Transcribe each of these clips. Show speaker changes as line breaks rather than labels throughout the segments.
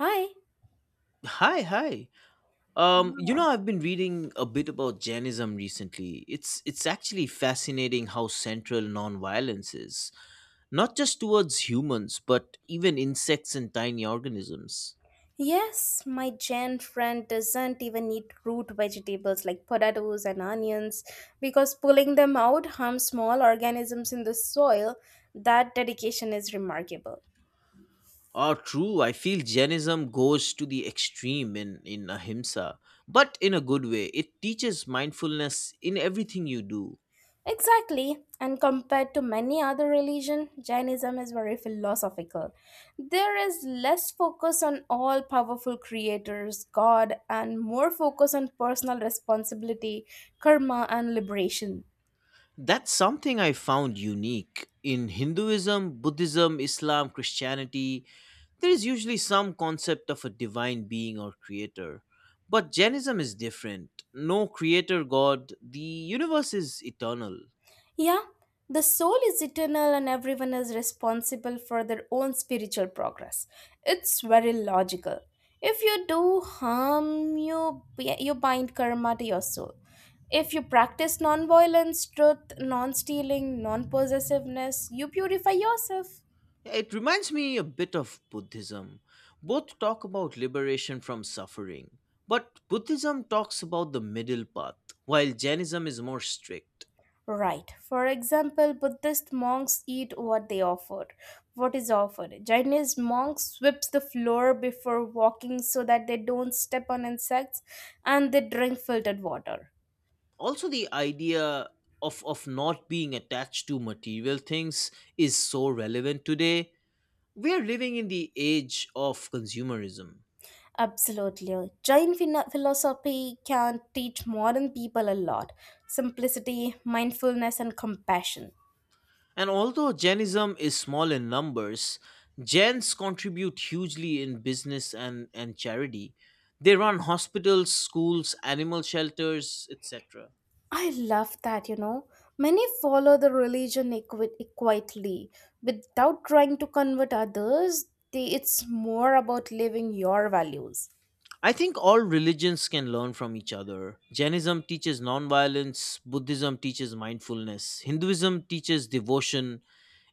Hi.
Hi, hi.
Ah.
I've been reading a bit about Jainism recently. It's actually fascinating how central nonviolence is, not just towards humans, but even insects and tiny organisms.
Yes, my Jain friend doesn't even eat root vegetables like potatoes and onions because pulling them out harms small organisms in the soil. That dedication is remarkable.
Ah, true. I feel Jainism goes to the extreme in ahimsa, but in a good way. It teaches mindfulness in everything you do.
Exactly, and compared to many other religion, Jainism is very philosophical. There is less focus on all powerful creators, God, and more focus on personal responsibility, karma, and liberation.
That's something I found unique in Hinduism, Buddhism, Islam, Christianity. There is usually some concept of a divine being or creator. But Jainism is different. No creator god, the universe is eternal.
Yeah, the soul is eternal and everyone is responsible for their own spiritual progress. It's very logical. If you do harm, you, yeah, you bind karma to your soul. If you practice non violence, truth, non stealing, non possessiveness, you purify yourself.
It reminds me a bit of Buddhism. Both talk about liberation from suffering. But Buddhism talks about the middle path, while Jainism is more strict.
Right. For example, Buddhist monks eat what they offer. What is offered? Chinese monks sweeps the floor before walking so that they don't step on insects, and they drink filtered water.
Also, the idea of not being attached to material things is so relevant today. We are living in the age of consumerism.
Absolutely. Jain philosophy can teach modern people a lot simplicity, mindfulness, and compassion.
And although Jainism is small in numbers, Jains contribute hugely in business and charity. They run hospitals, schools, animal shelters, etc.
I love that, you know. Many follow the religion quietly without trying to convert others. They, it's more about living your values.
I think all religions can learn from each other. Jainism teaches nonviolence, Buddhism teaches mindfulness, Hinduism teaches devotion,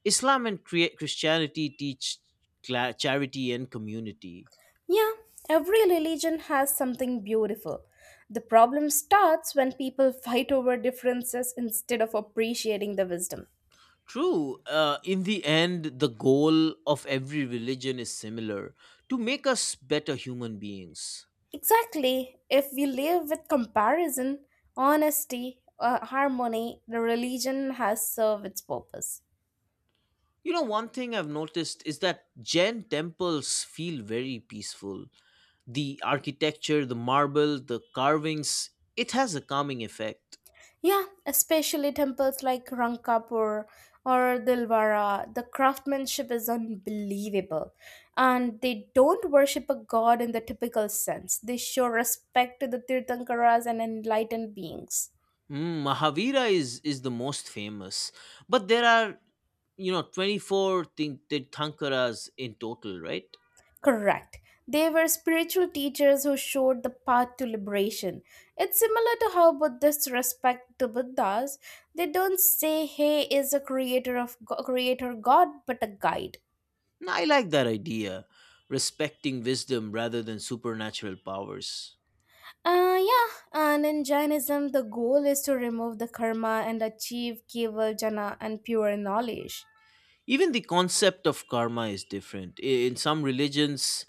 Islam and Christianity teach charity and community.
Yeah, every religion has something beautiful. The problem starts when people fight over differences instead of appreciating the wisdom.
True. In the end, the goal of every religion is similar, to make us better human beings.
Exactly. If we live with comparison, honesty, harmony, the religion has served its purpose.
You know, one thing I've noticed is that Jain temples feel very peaceful. The architecture, the marble, the carvings, it has a calming effect.
Yeah, especially temples like Rangkapur or Dilwara. The craftsmanship is unbelievable. And they don't worship a god in the typical sense. They show respect to the Tirthankaras and enlightened beings.
Mm, Mahavira is the most famous, but there are, 24 Tirthankaras in total, right?
Correct. They were spiritual teachers who showed the path to liberation. It's similar to how Buddhists respect the Buddhas. They don't say he is a creator god, but a guide.
And I like that idea, respecting wisdom rather than supernatural powers.
Yeah, and in Jainism, the goal is to remove the karma and achieve keval jana and pure knowledge.
Even the concept of karma is different. In some religions,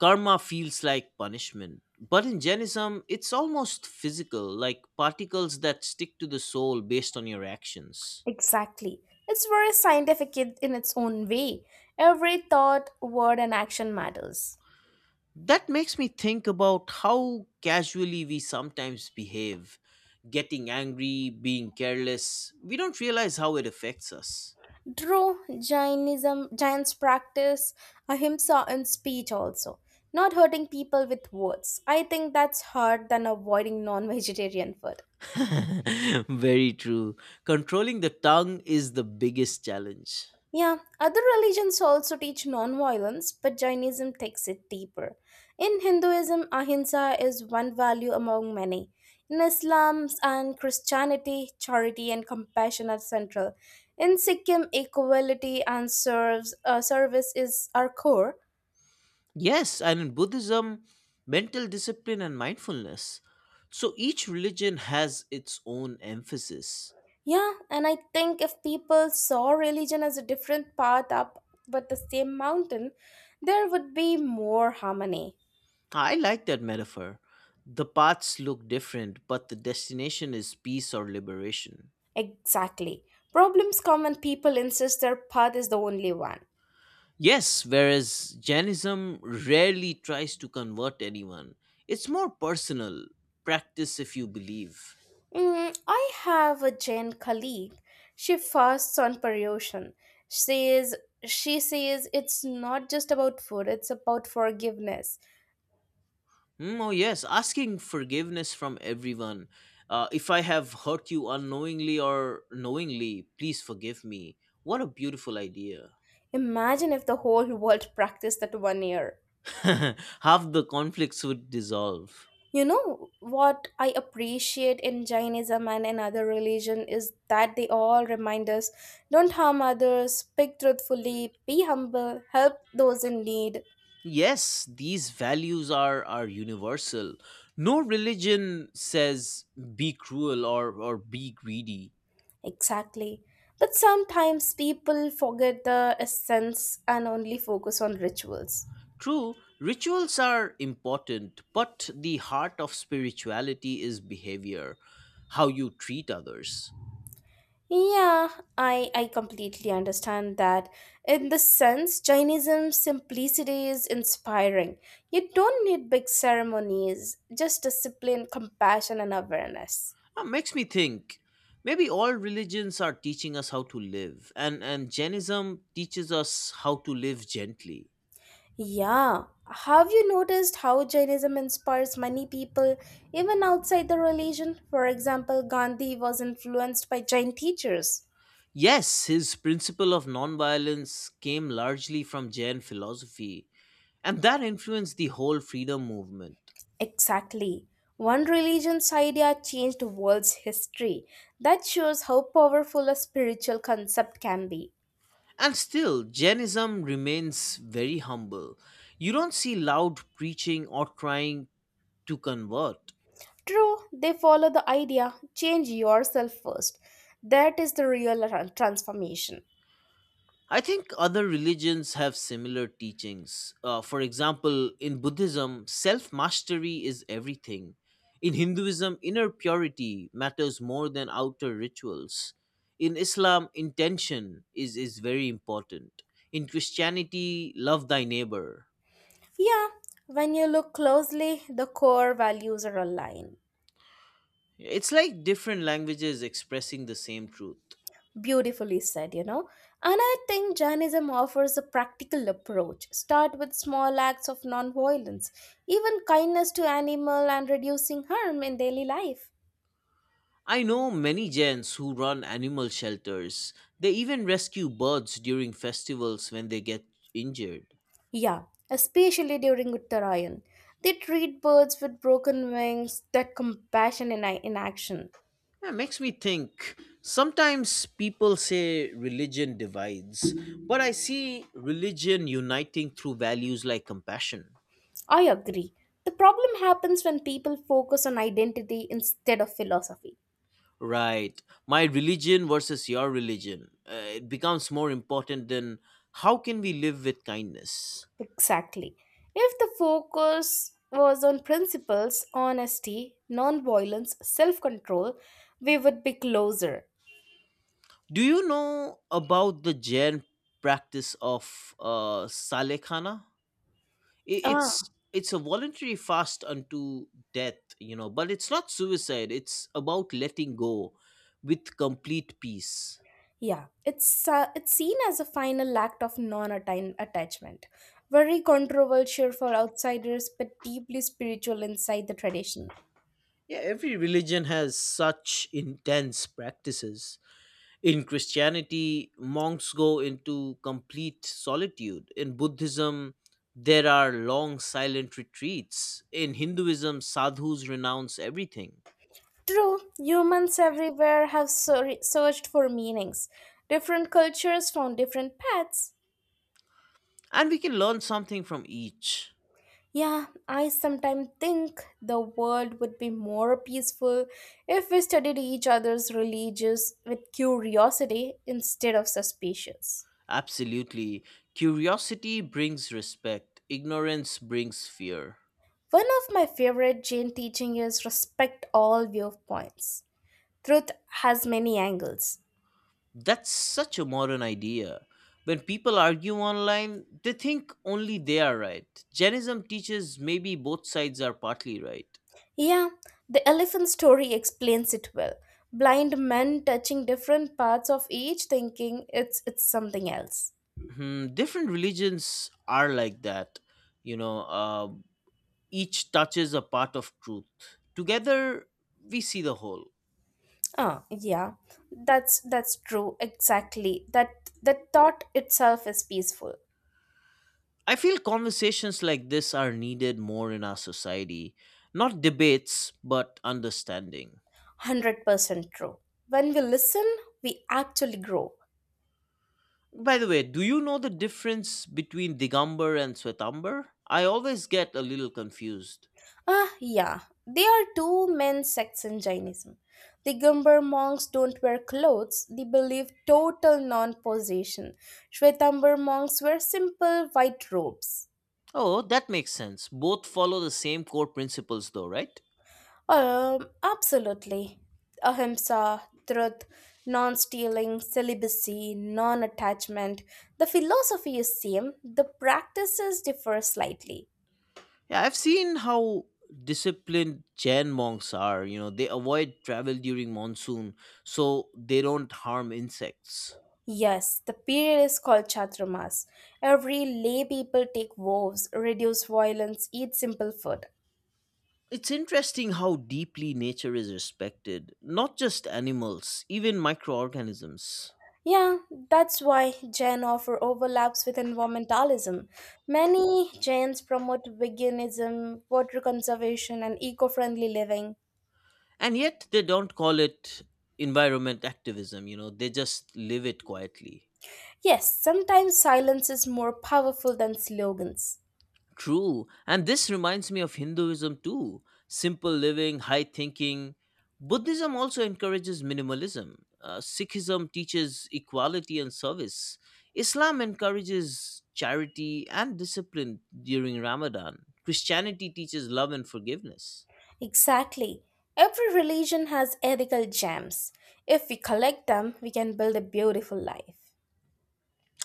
karma feels like punishment, but in Jainism, it's almost physical, like particles that stick to the soul based on your actions.
Exactly. It's very scientific in its own way. Every thought, word, and action matters.
That makes me think about how casually we sometimes behave. Getting angry, being careless, we don't realize how it affects us.
True, Jainism, Jains practice ahimsa in speech also, not hurting people with words. I think that's hard than avoiding non vegetarian food.
Very true. Controlling the tongue is the biggest challenge.
Yeah, other religions also teach non-violence, but Jainism takes it deeper. In Hinduism, ahimsa is one value among many. In Islam and Christianity, charity and compassion are central. In Sikkim, equality and serves, service is our core.
Yes, and in Buddhism, mental discipline and mindfulness. So each religion has its own emphasis.
Yeah, and I think if people saw religion as a different path up but the same mountain, there would be more harmony.
I like that metaphor. The paths look different, but the destination is peace or liberation.
Exactly. Problems come when people insist their path is the only one.
Yes, whereas Jainism rarely tries to convert anyone, it's more personal. Practice if you believe.
Mm, I have a Jain colleague. She fasts on Paryoshan. Says she says it's not just about food, it's about forgiveness.
Mm, oh, yes, asking forgiveness from everyone. If I have hurt you unknowingly or knowingly, please forgive me. What a beautiful idea.
Imagine if the whole world practiced that one year.
Half the conflicts would dissolve.
You know what I appreciate in Jainism and in other religion is that they all remind us don't harm others, speak truthfully, be humble, help those in need.
Yes, these values are universal. No religion says be cruel or be greedy.
Exactly. But sometimes people forget the essence and only focus on rituals.
True, rituals are important, but the heart of spirituality is behavior, how you treat others.
Yeah, I completely understand that. In this sense, Jainism's simplicity is inspiring. You don't need big ceremonies, just discipline, compassion, and awareness.
That makes me think. Maybe all religions are teaching us how to live, and Jainism teaches us how to live gently.
Yeah, have you noticed how Jainism inspires many people, even outside the religion? For example, Gandhi was influenced by Jain teachers.
Yes, his principle of nonviolence came largely from Jain philosophy, and that influenced the whole freedom movement.
Exactly. One religion's idea changed the world's history. That shows how powerful a spiritual concept can be.
And still, Jainism remains very humble. You don't see loud preaching or trying to convert.
True, they follow the idea change yourself first. That is the real transformation.
I think other religions have similar teachings. For example, in Buddhism, self mastery is everything. In Hinduism, inner purity matters more than outer rituals. In Islam, intention is very important. In Christianity, love thy neighbor.
Yeah, when you look closely, the core values are aligned.
It's like different languages expressing the same truth.
Beautifully said, you know. And I think Jainism offers a practical approach. Start with small acts of nonviolence, even kindness to animal and reducing harm in daily life.
I know many Jains who run animal shelters. They even rescue birds during festivals when they get injured.
Yeah, especially during Uttarayan. They treat birds with broken wings, that compassion in action.
Yeah, makes me think. Sometimes people say religion divides, but I see religion uniting through values like compassion.
I agree. The problem happens when people focus on identity instead of philosophy.
Right, my religion versus your religion. It becomes more important than how can we live with kindness.
Exactly. If the focus was on principles, honesty, non-violence, self-control, we would be closer.
Do you know about the Jain practice of Salekhana? I-
Ah.
it's it's a voluntary fast unto death, but it's not suicide, it's about letting go with complete peace.
Yeah, it's seen as a final act of non-attachment. Very controversial for outsiders, but deeply spiritual inside the tradition.
Yeah, every religion has such intense practices. In Christianity monks go into complete solitude, in Buddhism there are long silent retreats, in Hinduism sadhus renounce everything.
True, humans everywhere have searched for meanings. Different cultures found different paths.
And we can learn something from each.
Yeah, I sometimes think the world would be more peaceful if we studied each other's religions with curiosity instead of suspicions.
Absolutely. Curiosity brings respect, ignorance brings fear.
One of my favorite Jain teaching is respect all viewpoints. Truth has many angles.
That's such a modern idea. When people argue online, they think only they are right. Jainism teaches maybe both sides are partly right.
Yeah, the elephant story explains it well. Blind men touching different parts of each thinking it's something else.
Hmm, different religions are like that. You know, uh, each touches a part of truth. Together, we see the whole.
Ah, yeah, that's true. Exactly. That thought itself is peaceful.
I feel conversations like this are needed more in our society. Not debates, but understanding.
100% true. When we listen, we actually grow.
By the way, do you know the difference between Digamber and Swetambar? I always get a little confused.
Ah, yeah. There are two main sects in Jainism. The Gumbar monks don't wear clothes. They believe total non-possession. Shwetambar monks wear simple white robes.
Oh, that makes sense. Both follow the same core principles, though, right?
Absolutely. Ahimsa, truth, non stealing, celibacy, non attachment. The philosophy is same, the practices differ slightly.
Yeah, I've seen how disciplined Jain monks are. You know, they avoid travel during monsoon so they don't harm insects.
Yes, the period is called Chaturmas. Every lay people take vows, reduce violence, eat simple food.
It's interesting how deeply nature is respected, not just animals, even microorganisms.
Yeah, that's why Jain offer overlaps with environmentalism. Many Jains promote veganism, water conservation, and eco friendly living.
And yet they don't call it environment activism, you know, they just live it quietly.
Yes, sometimes silence is more powerful than slogans.
True. And this reminds me of Hinduism too, simple living, high thinking. Buddhism also encourages minimalism. Sikhism teaches equality and service. Islam encourages charity and discipline during Ramadan. Christianity teaches love and forgiveness.
Exactly. Every religion has ethical gems. If we collect them, we can build a beautiful life.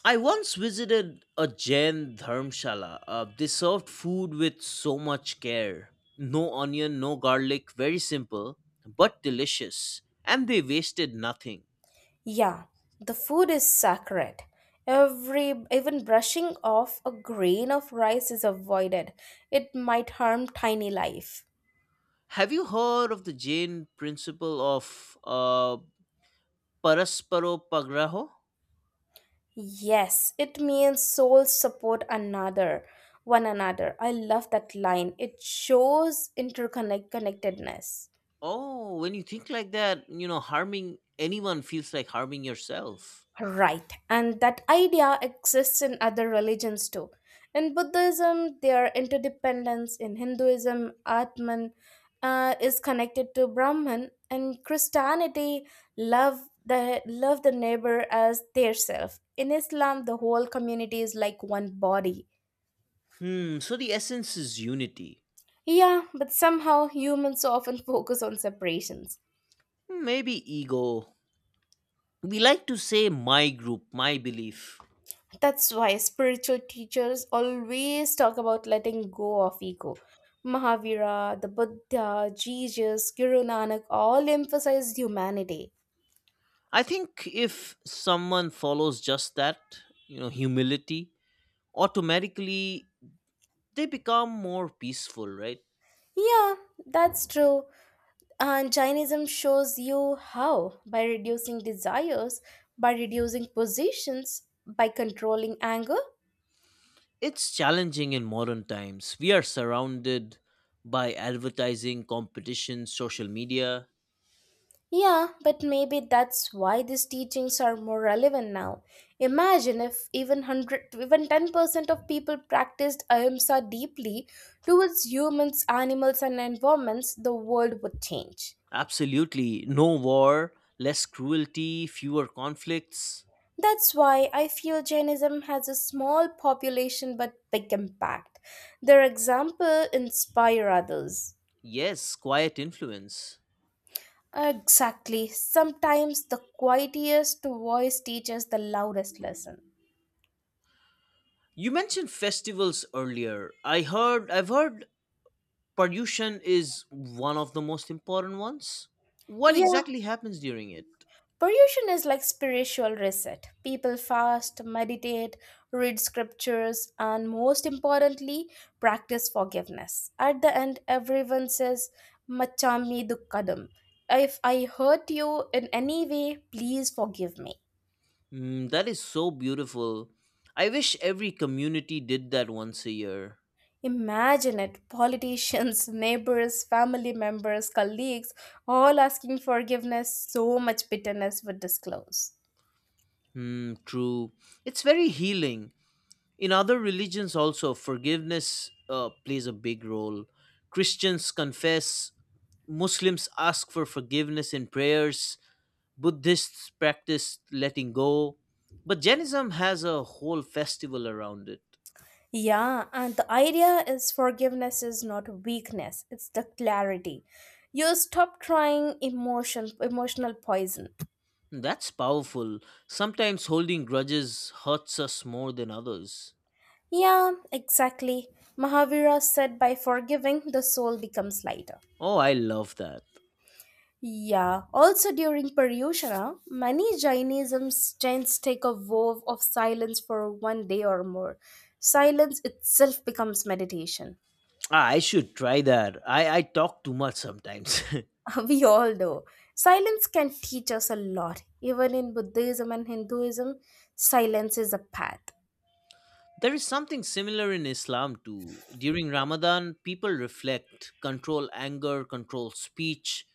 I once visited a Jain dharmshala. They served food with so much care. No onion, no garlic, very simple, but delicious. And they wasted nothing.
Yeah, the food is sacred. Every even brushing off a grain of rice is avoided. It might harm tiny life.
Have you heard of the Jain principle of parasparo pagraho?
Yes, it means souls support another, one another. I love that line. It shows interconnect connectedness.
Oh, when you think like that, you know, harming anyone feels like harming yourself.
Right, and that idea exists in other religions too. In Buddhism, their interdependence. In Hinduism, Atman is connected to Brahman. In Christianity, love the neighbor as their self. In Islam, the whole community is like one body.
Hmm, so the essence is unity.
Yeah, but somehow humans often focus on separations.
Maybe ego. We like to say my group, my belief.
That's why spiritual teachers always talk about letting go of ego. Mahavira, the Buddha, Jesus, Guru Nanak all emphasized humanity.
I think if someone follows just that, humility, automatically they become more peaceful, right?
Yeah, that's true. And Jainism shows you how by reducing desires, by reducing positions, by controlling anger.
It's challenging in modern times. We are surrounded by advertising, competition, social media.
Yeah, but maybe that's why these teachings are more relevant now. Imagine if even 100 even 10% of people practiced ahimsa deeply towards humans, animals and environments, the world would change.
Absolutely. No war, less cruelty, fewer conflicts.
That's why I feel Jainism has a small population but big impact. Their example inspire others.
Yes, quiet influence.
Exactly. Sometimes the quietest voice teaches the loudest lesson.
You mentioned festivals earlier. I've heard Pollution is one of the most important ones. What
Yeah,
exactly happens during it?
Purgation is like spiritual reset. People fast, meditate, read scriptures, and most importantly, practice forgiveness. At the end, everyone says, Machami dukkadam. If I hurt you in any way, please forgive me.
Mm, that is so beautiful. I wish every community did that once a year.
Imagine it politicians, neighbors, family members, colleagues, all asking forgiveness, so much bitterness would disclose.
Hmm, true. It's very healing. In other religions, also, forgiveness plays a big role. Christians confess, Muslims ask for forgiveness in prayers, Buddhists practice letting go. But Jainism has a whole festival around it.
Yeah, and the idea is forgiveness is not weakness, it's the clarity. You stop trying emotional poison.
That's powerful. Sometimes holding grudges hurts us more than others.
Yeah, exactly. Mahavira said by forgiving the soul becomes lighter.
Oh, I love that.
Yeah, also during Paryushana, many Jainism chants take a vow of silence for one day or more. Silence itself becomes meditation.
Ah, I should try that. I talk too much sometimes.
we all know Silence can teach us a lot. Even in Buddhism and Hinduism, silence is a path.
There is something similar in Islam too. During Ramadan, people reflect, control anger, control speech.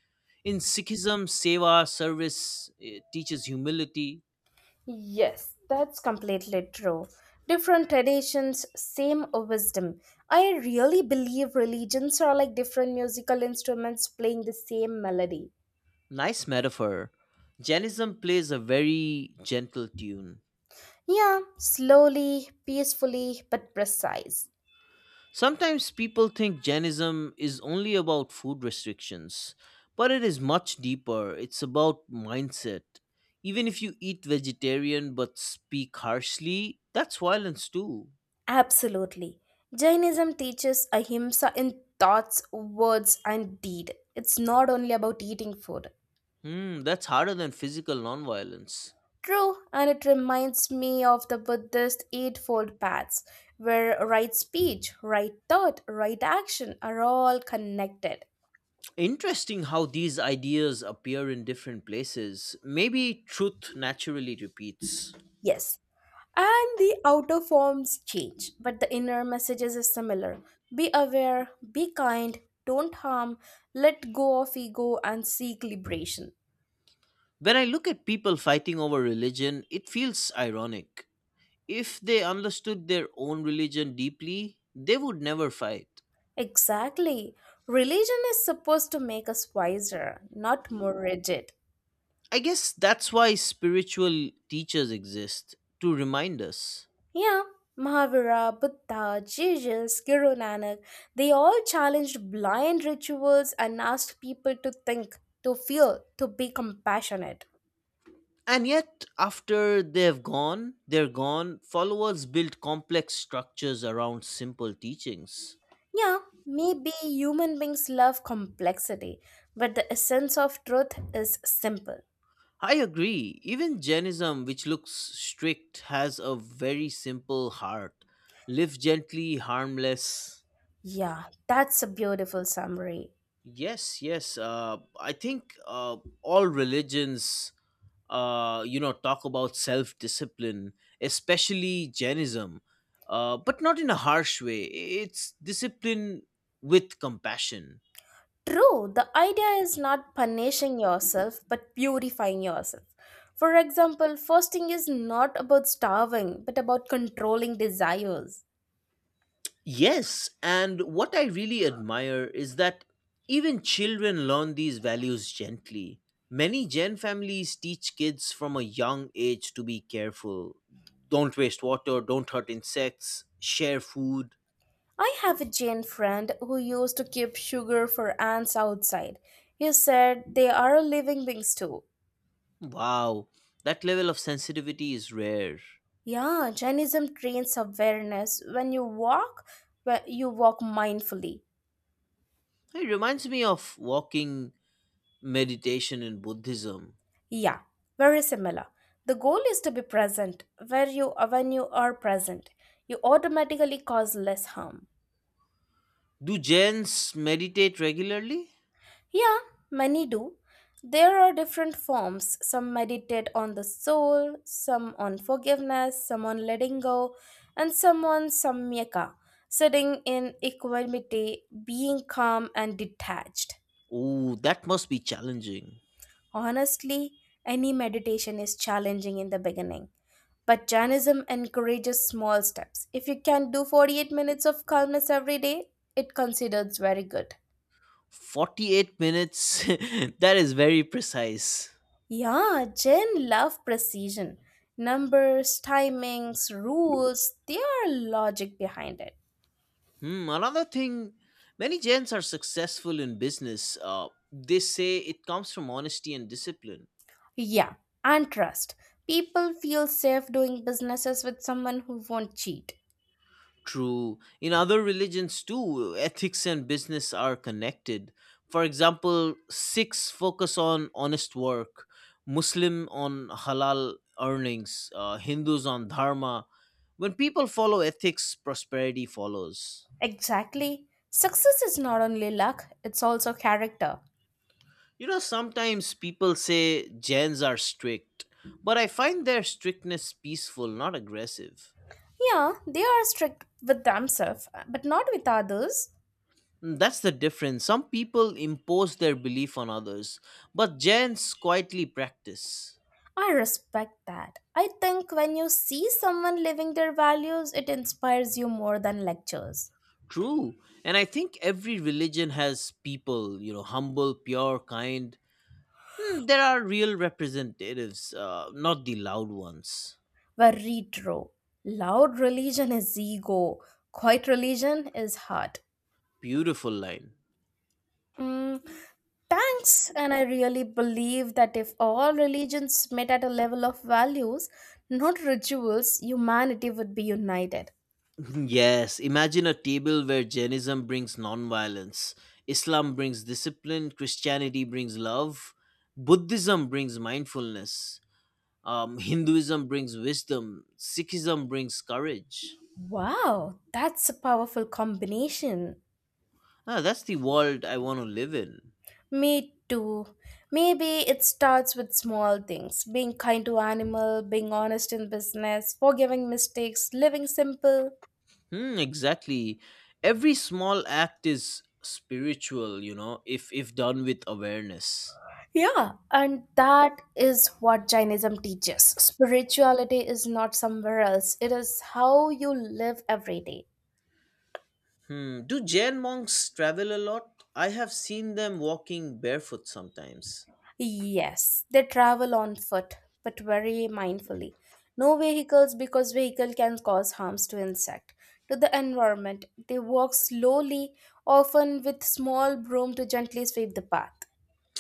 In Sikhism, seva, service, teaches humility.
Yes, that's completely true. Different traditions, same wisdom. I really believe religions are like different musical instruments playing the same melody.
Nice metaphor. Jainism plays a very gentle tune.
Yeah, slowly, peacefully, but precise.
Sometimes people think Jainism is only about food restrictions, but it is much deeper. It's about mindset. Even if you eat vegetarian but speak harshly, that's violence too.
Absolutely. Jainism teaches ahimsa in thoughts, words, and deed. It's not only about eating food.
Hmm, that's harder than physical nonviolence.
True, and it reminds me of the Buddhist Eightfold Paths, where right speech, right thought, right action are all connected.
Interesting how these ideas appear in different places. Maybe truth naturally repeats.
Yes, and the outer forms change, but the inner messages is similar. Be aware, be kind, don't harm, let go of ego, and seek liberation.
When I look at people fighting over religion, it feels ironic. If they understood their own religion deeply, they would never fight.
Exactly. Religion is supposed to make us wiser, not more rigid.
I guess that's why spiritual teachers exist to remind us.
Yeah, Mahavira, Buddha, Jesus, Guru Nanak, they all challenged blind rituals and asked people to think, to feel, to be compassionate.
And yet, after they're gone, followers build complex structures around simple teachings.
Yeah, maybe human beings love complexity, but the essence of truth is simple.
I agree, even Jainism, which looks strict, has a very simple heart. Live gently, harmless.
Yeah, that's a beautiful summary.
Yes, yes. I think all religions talk about self discipline, especially Jainism, but not in a harsh way. It's discipline with compassion.
True, the idea is not punishing yourself but purifying yourself. For example, fasting is not about starving but about controlling desires.
Yes, and what I really admire is that even children learn these values gently. Many Jain families teach kids from a young age to be careful. Don't waste water, don't hurt insects, share food.
I have a Jane friend who used to keep sugar for ants outside. He said they are living beings too.
Wow, that level of sensitivity is rare.
Yeah, Jainism trains awareness when you walk mindfully.
It reminds me of walking meditation in Buddhism.
Yeah, very similar. The goal is to be present. Where you when you are present, you automatically cause less harm.
Do Jains meditate regularly?
Yeah, many do. There are different forms. Some meditate on the soul, some on forgiveness, some on letting go, and some on samyaka, sitting in equanimity, being calm and detached.
Oh, that must be challenging.
Honestly, any meditation is challenging in the beginning. But Jainism encourages small steps. If you can do 48 minutes of calmness every day, it considers very good.
48 minutes. That is very precise.
Yeah, Gen love precision. Numbers, timings, rules, there are logic behind it.
Hmm, another thing, many Jains are successful in business. They say it comes from honesty and discipline.
Yeah, and trust. People feel safe doing businesses with someone who won't cheat.
True. In other religions too, ethics and business are connected. For example, Sikhs focus on honest work, Muslim on halal earnings, Hindus on dharma. When people follow ethics, prosperity follows.
Exactly. Success is not only luck, it's also character.
You know, sometimes people say Jains are strict, but I find their strictness peaceful, not aggressive.
Yeah, they are strict with themselves, but not with others.
Mm, that's the difference. Some people impose their belief on others, but Jains quietly practice.
I respect that. I think when you see someone living their values, it inspires you more than lectures.
True. And I think every religion has people, you know, humble, pure, kind. Hmm, there are real representatives, not the loud ones.
Were retro. Loud religion is ego, quiet religion is heart.
Beautiful line.
Mm, thanks, and I really believe that if all religions met at a level of values, not rituals, humanity would be united.
Yes, imagine a table where Jainism brings nonviolence, Islam brings discipline, Christianity brings love, Buddhism brings mindfulness, Hinduism brings wisdom, Sikhism brings courage.
Wow, that's a powerful combination.
Ah, that's the world I want to live in.
Me too. Maybe it starts with small things being kind to animal, being honest in business, forgiving mistakes, living simple.
Hmm, exactly. Every small act is spiritual, you know, if done with awareness.
Yeah, and that is what Jainism teaches. Spirituality is not somewhere else, it is how you live every day.
Hmm. Do Jain monks travel a lot? I have seen them walking barefoot sometimes.
Yes, they travel on foot, but very mindfully. No vehicles because vehicle can cause harms to insect, to the environment. They walk slowly, often with small broom to gently sweep the path.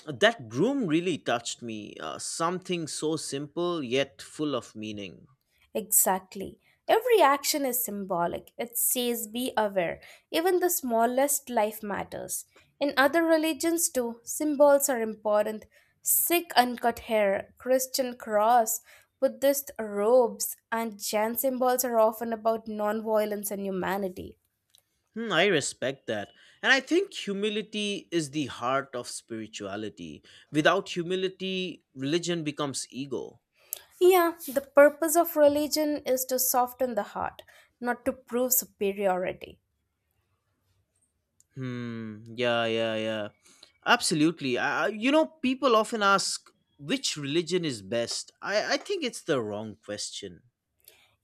That groom really touched me. Something so simple yet full of meaning.
Exactly. Every action is symbolic. It says, be aware. Even the smallest life matters. In other religions, too, symbols are important. Sikh uncut hair, Christian cross, Buddhist robes, and Jain symbols are often about non violence and humanity.
Hmm, I respect that. And I think humility is the heart of spirituality. Without humility, religion becomes ego.
Yeah, the purpose of religion is to soften the heart, not to prove superiority.
Hmm. Yeah, yeah, yeah. Absolutely. People often ask which religion is best. I think it's the wrong question.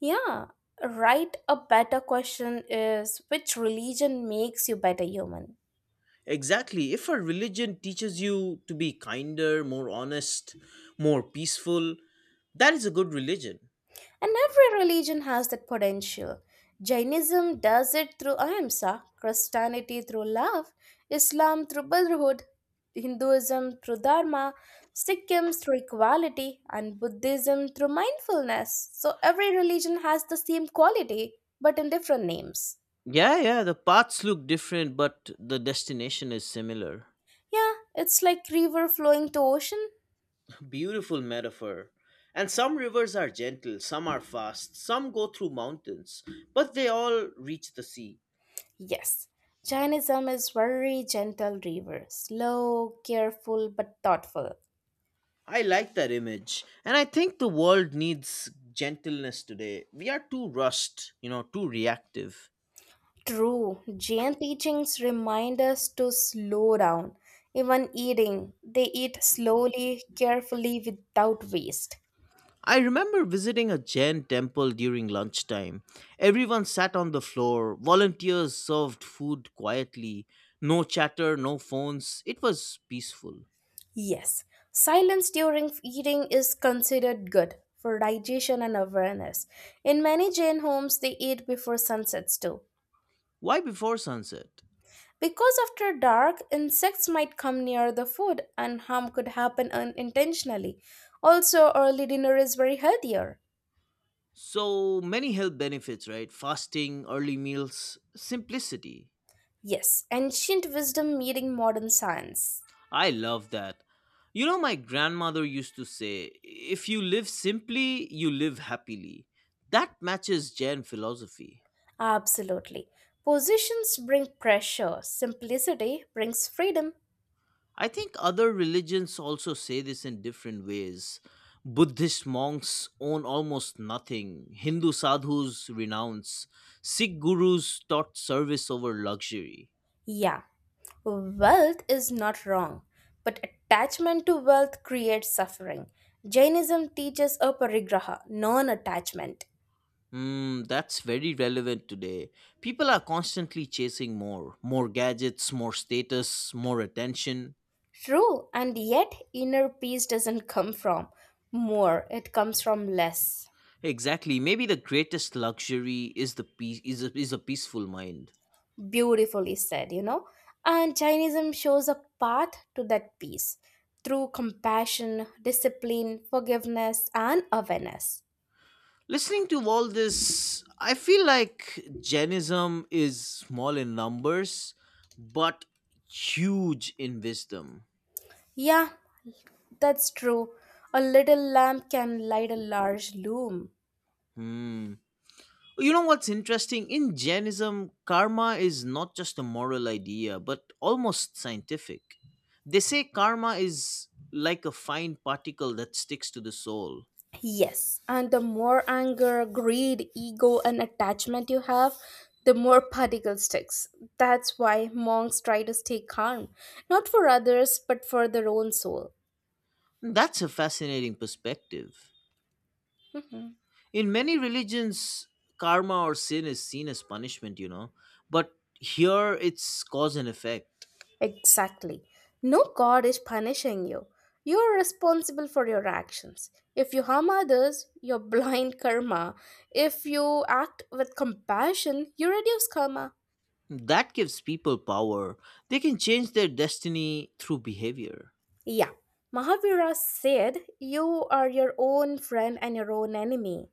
Yeah, right. A better question is which religion makes you better human?
Exactly. If a religion teaches you to be kinder, more honest, more peaceful, that is a good religion.
And every religion has that potential. Jainism does it through ahimsa, Christianity through love, Islam through brotherhood, Hinduism through dharma, Sikhism through equality, and Buddhism through mindfulness. So every religion has the same quality, but in different names.
Yeah, yeah. The paths look different, but the destination is similar.
Yeah, it's like river flowing to ocean.
Beautiful metaphor. And some rivers are gentle, some are fast, some go through mountains, but they all reach the sea.
Yes, Jainism is very gentle river, slow, careful, but thoughtful.
I like that image. And I think the world needs gentleness today. We are too rushed, you know, too reactive.
True, Jain teachings remind us to slow down. Even eating, they eat slowly, carefully, without waste.
I remember visiting a Jain temple during lunchtime. Everyone sat on the floor, volunteers served food quietly, no chatter, no phones. It was peaceful.
Yes, silence during eating is considered good for digestion and awareness. In many Jain homes, they eat before sunsets too.
Why before sunset?
Because after dark, insects might come near the food and harm could happen unintentionally. Also, early dinner is very healthier.
So many health benefits, right? Fasting, early meals, simplicity.
Yes, ancient wisdom meeting modern science.
I love that. You know, my grandmother used to say, if you live simply, you live happily. That matches Jain philosophy.
Absolutely. Positions bring pressure, simplicity brings freedom.
I think other religions also say this in different ways. Buddhist monks own almost nothing, Hindu sadhus renounce, Sikh gurus taught service over luxury.
Yeah, wealth is not wrong, but attachment to wealth creates suffering. Jainism teaches aparigraha, non attachment.
Hmm, that's very relevant today. People are constantly chasing more, gadgets, more status, more attention.
True, and yet inner peace doesn't come from more, it comes from less.
Exactly. Maybe the greatest luxury is the peace is a peaceful mind.
Beautifully said, you know. And Jainism shows a path to that peace through compassion, discipline, forgiveness, and awareness.
Listening to all this, I feel like Jainism is small in numbers, but huge in wisdom.
Yeah, that's true. A little lamp can light a large loom.
Hmm. You know what's interesting? In Jainism, karma is not just a moral idea, but almost scientific. They say karma is like a fine particle that sticks to the soul.
Yes, and the more anger, greed, ego, and attachment you have, the more particle sticks. That's why monks try to stay calm, not for others, but for their own soul.
That's a fascinating perspective.
Mhm.
In many religions karma or sin is seen as punishment, you know, but here it's cause and effect.
Exactly. No god is punishing you. You are responsible for your actions. If you harm others, your blind karma. If you act with compassion, you reduce karma.
That gives people power, they can change their destiny through behavior.
Yeah, Mahavira said, You are your own friend and your own enemy.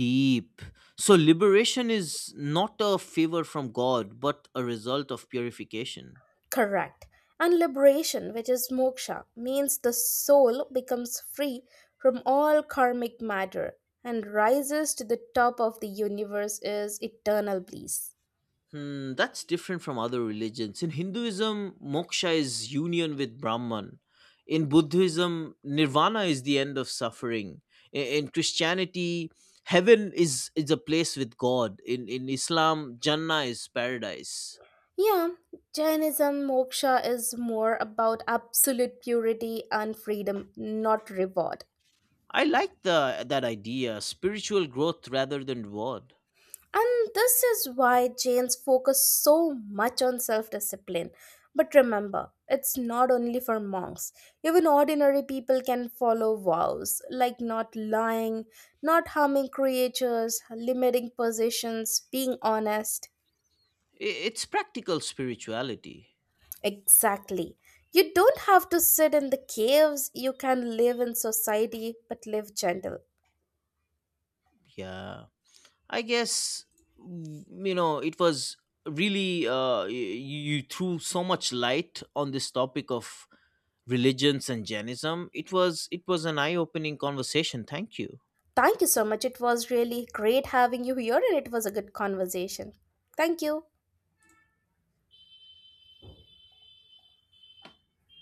Deep. So liberation is not a favor from god but a result of purification.
Correct. And liberation, which is moksha, means the soul becomes free from all karmic matter and rises to the top of the universe is eternal bliss.
Hmm, that's different from other religions. In Hinduism, moksha is union with Brahman. In Buddhism, nirvana is the end of suffering. In Christianity, heaven is a place with God. In Islam, Jannah is paradise.
Yeah, Jainism moksha is more about absolute purity and freedom, not reward.
I like that idea, spiritual growth rather than reward.
And this is why Jains focus so much on self discipline. But remember, it's not only for monks. Even ordinary people can follow vows, like not lying, not harming creatures, limiting possessions, being honest.
It's practical spirituality.
Exactly. You don't have to sit in the caves, you can live in society, but live gentle.
Yeah. I guess it was really you threw so much light on this topic of religions and Jainism. It was an eye opening conversation. Thank you.
Thank you so much. It was really great having you here, and it was a good conversation. Thank you.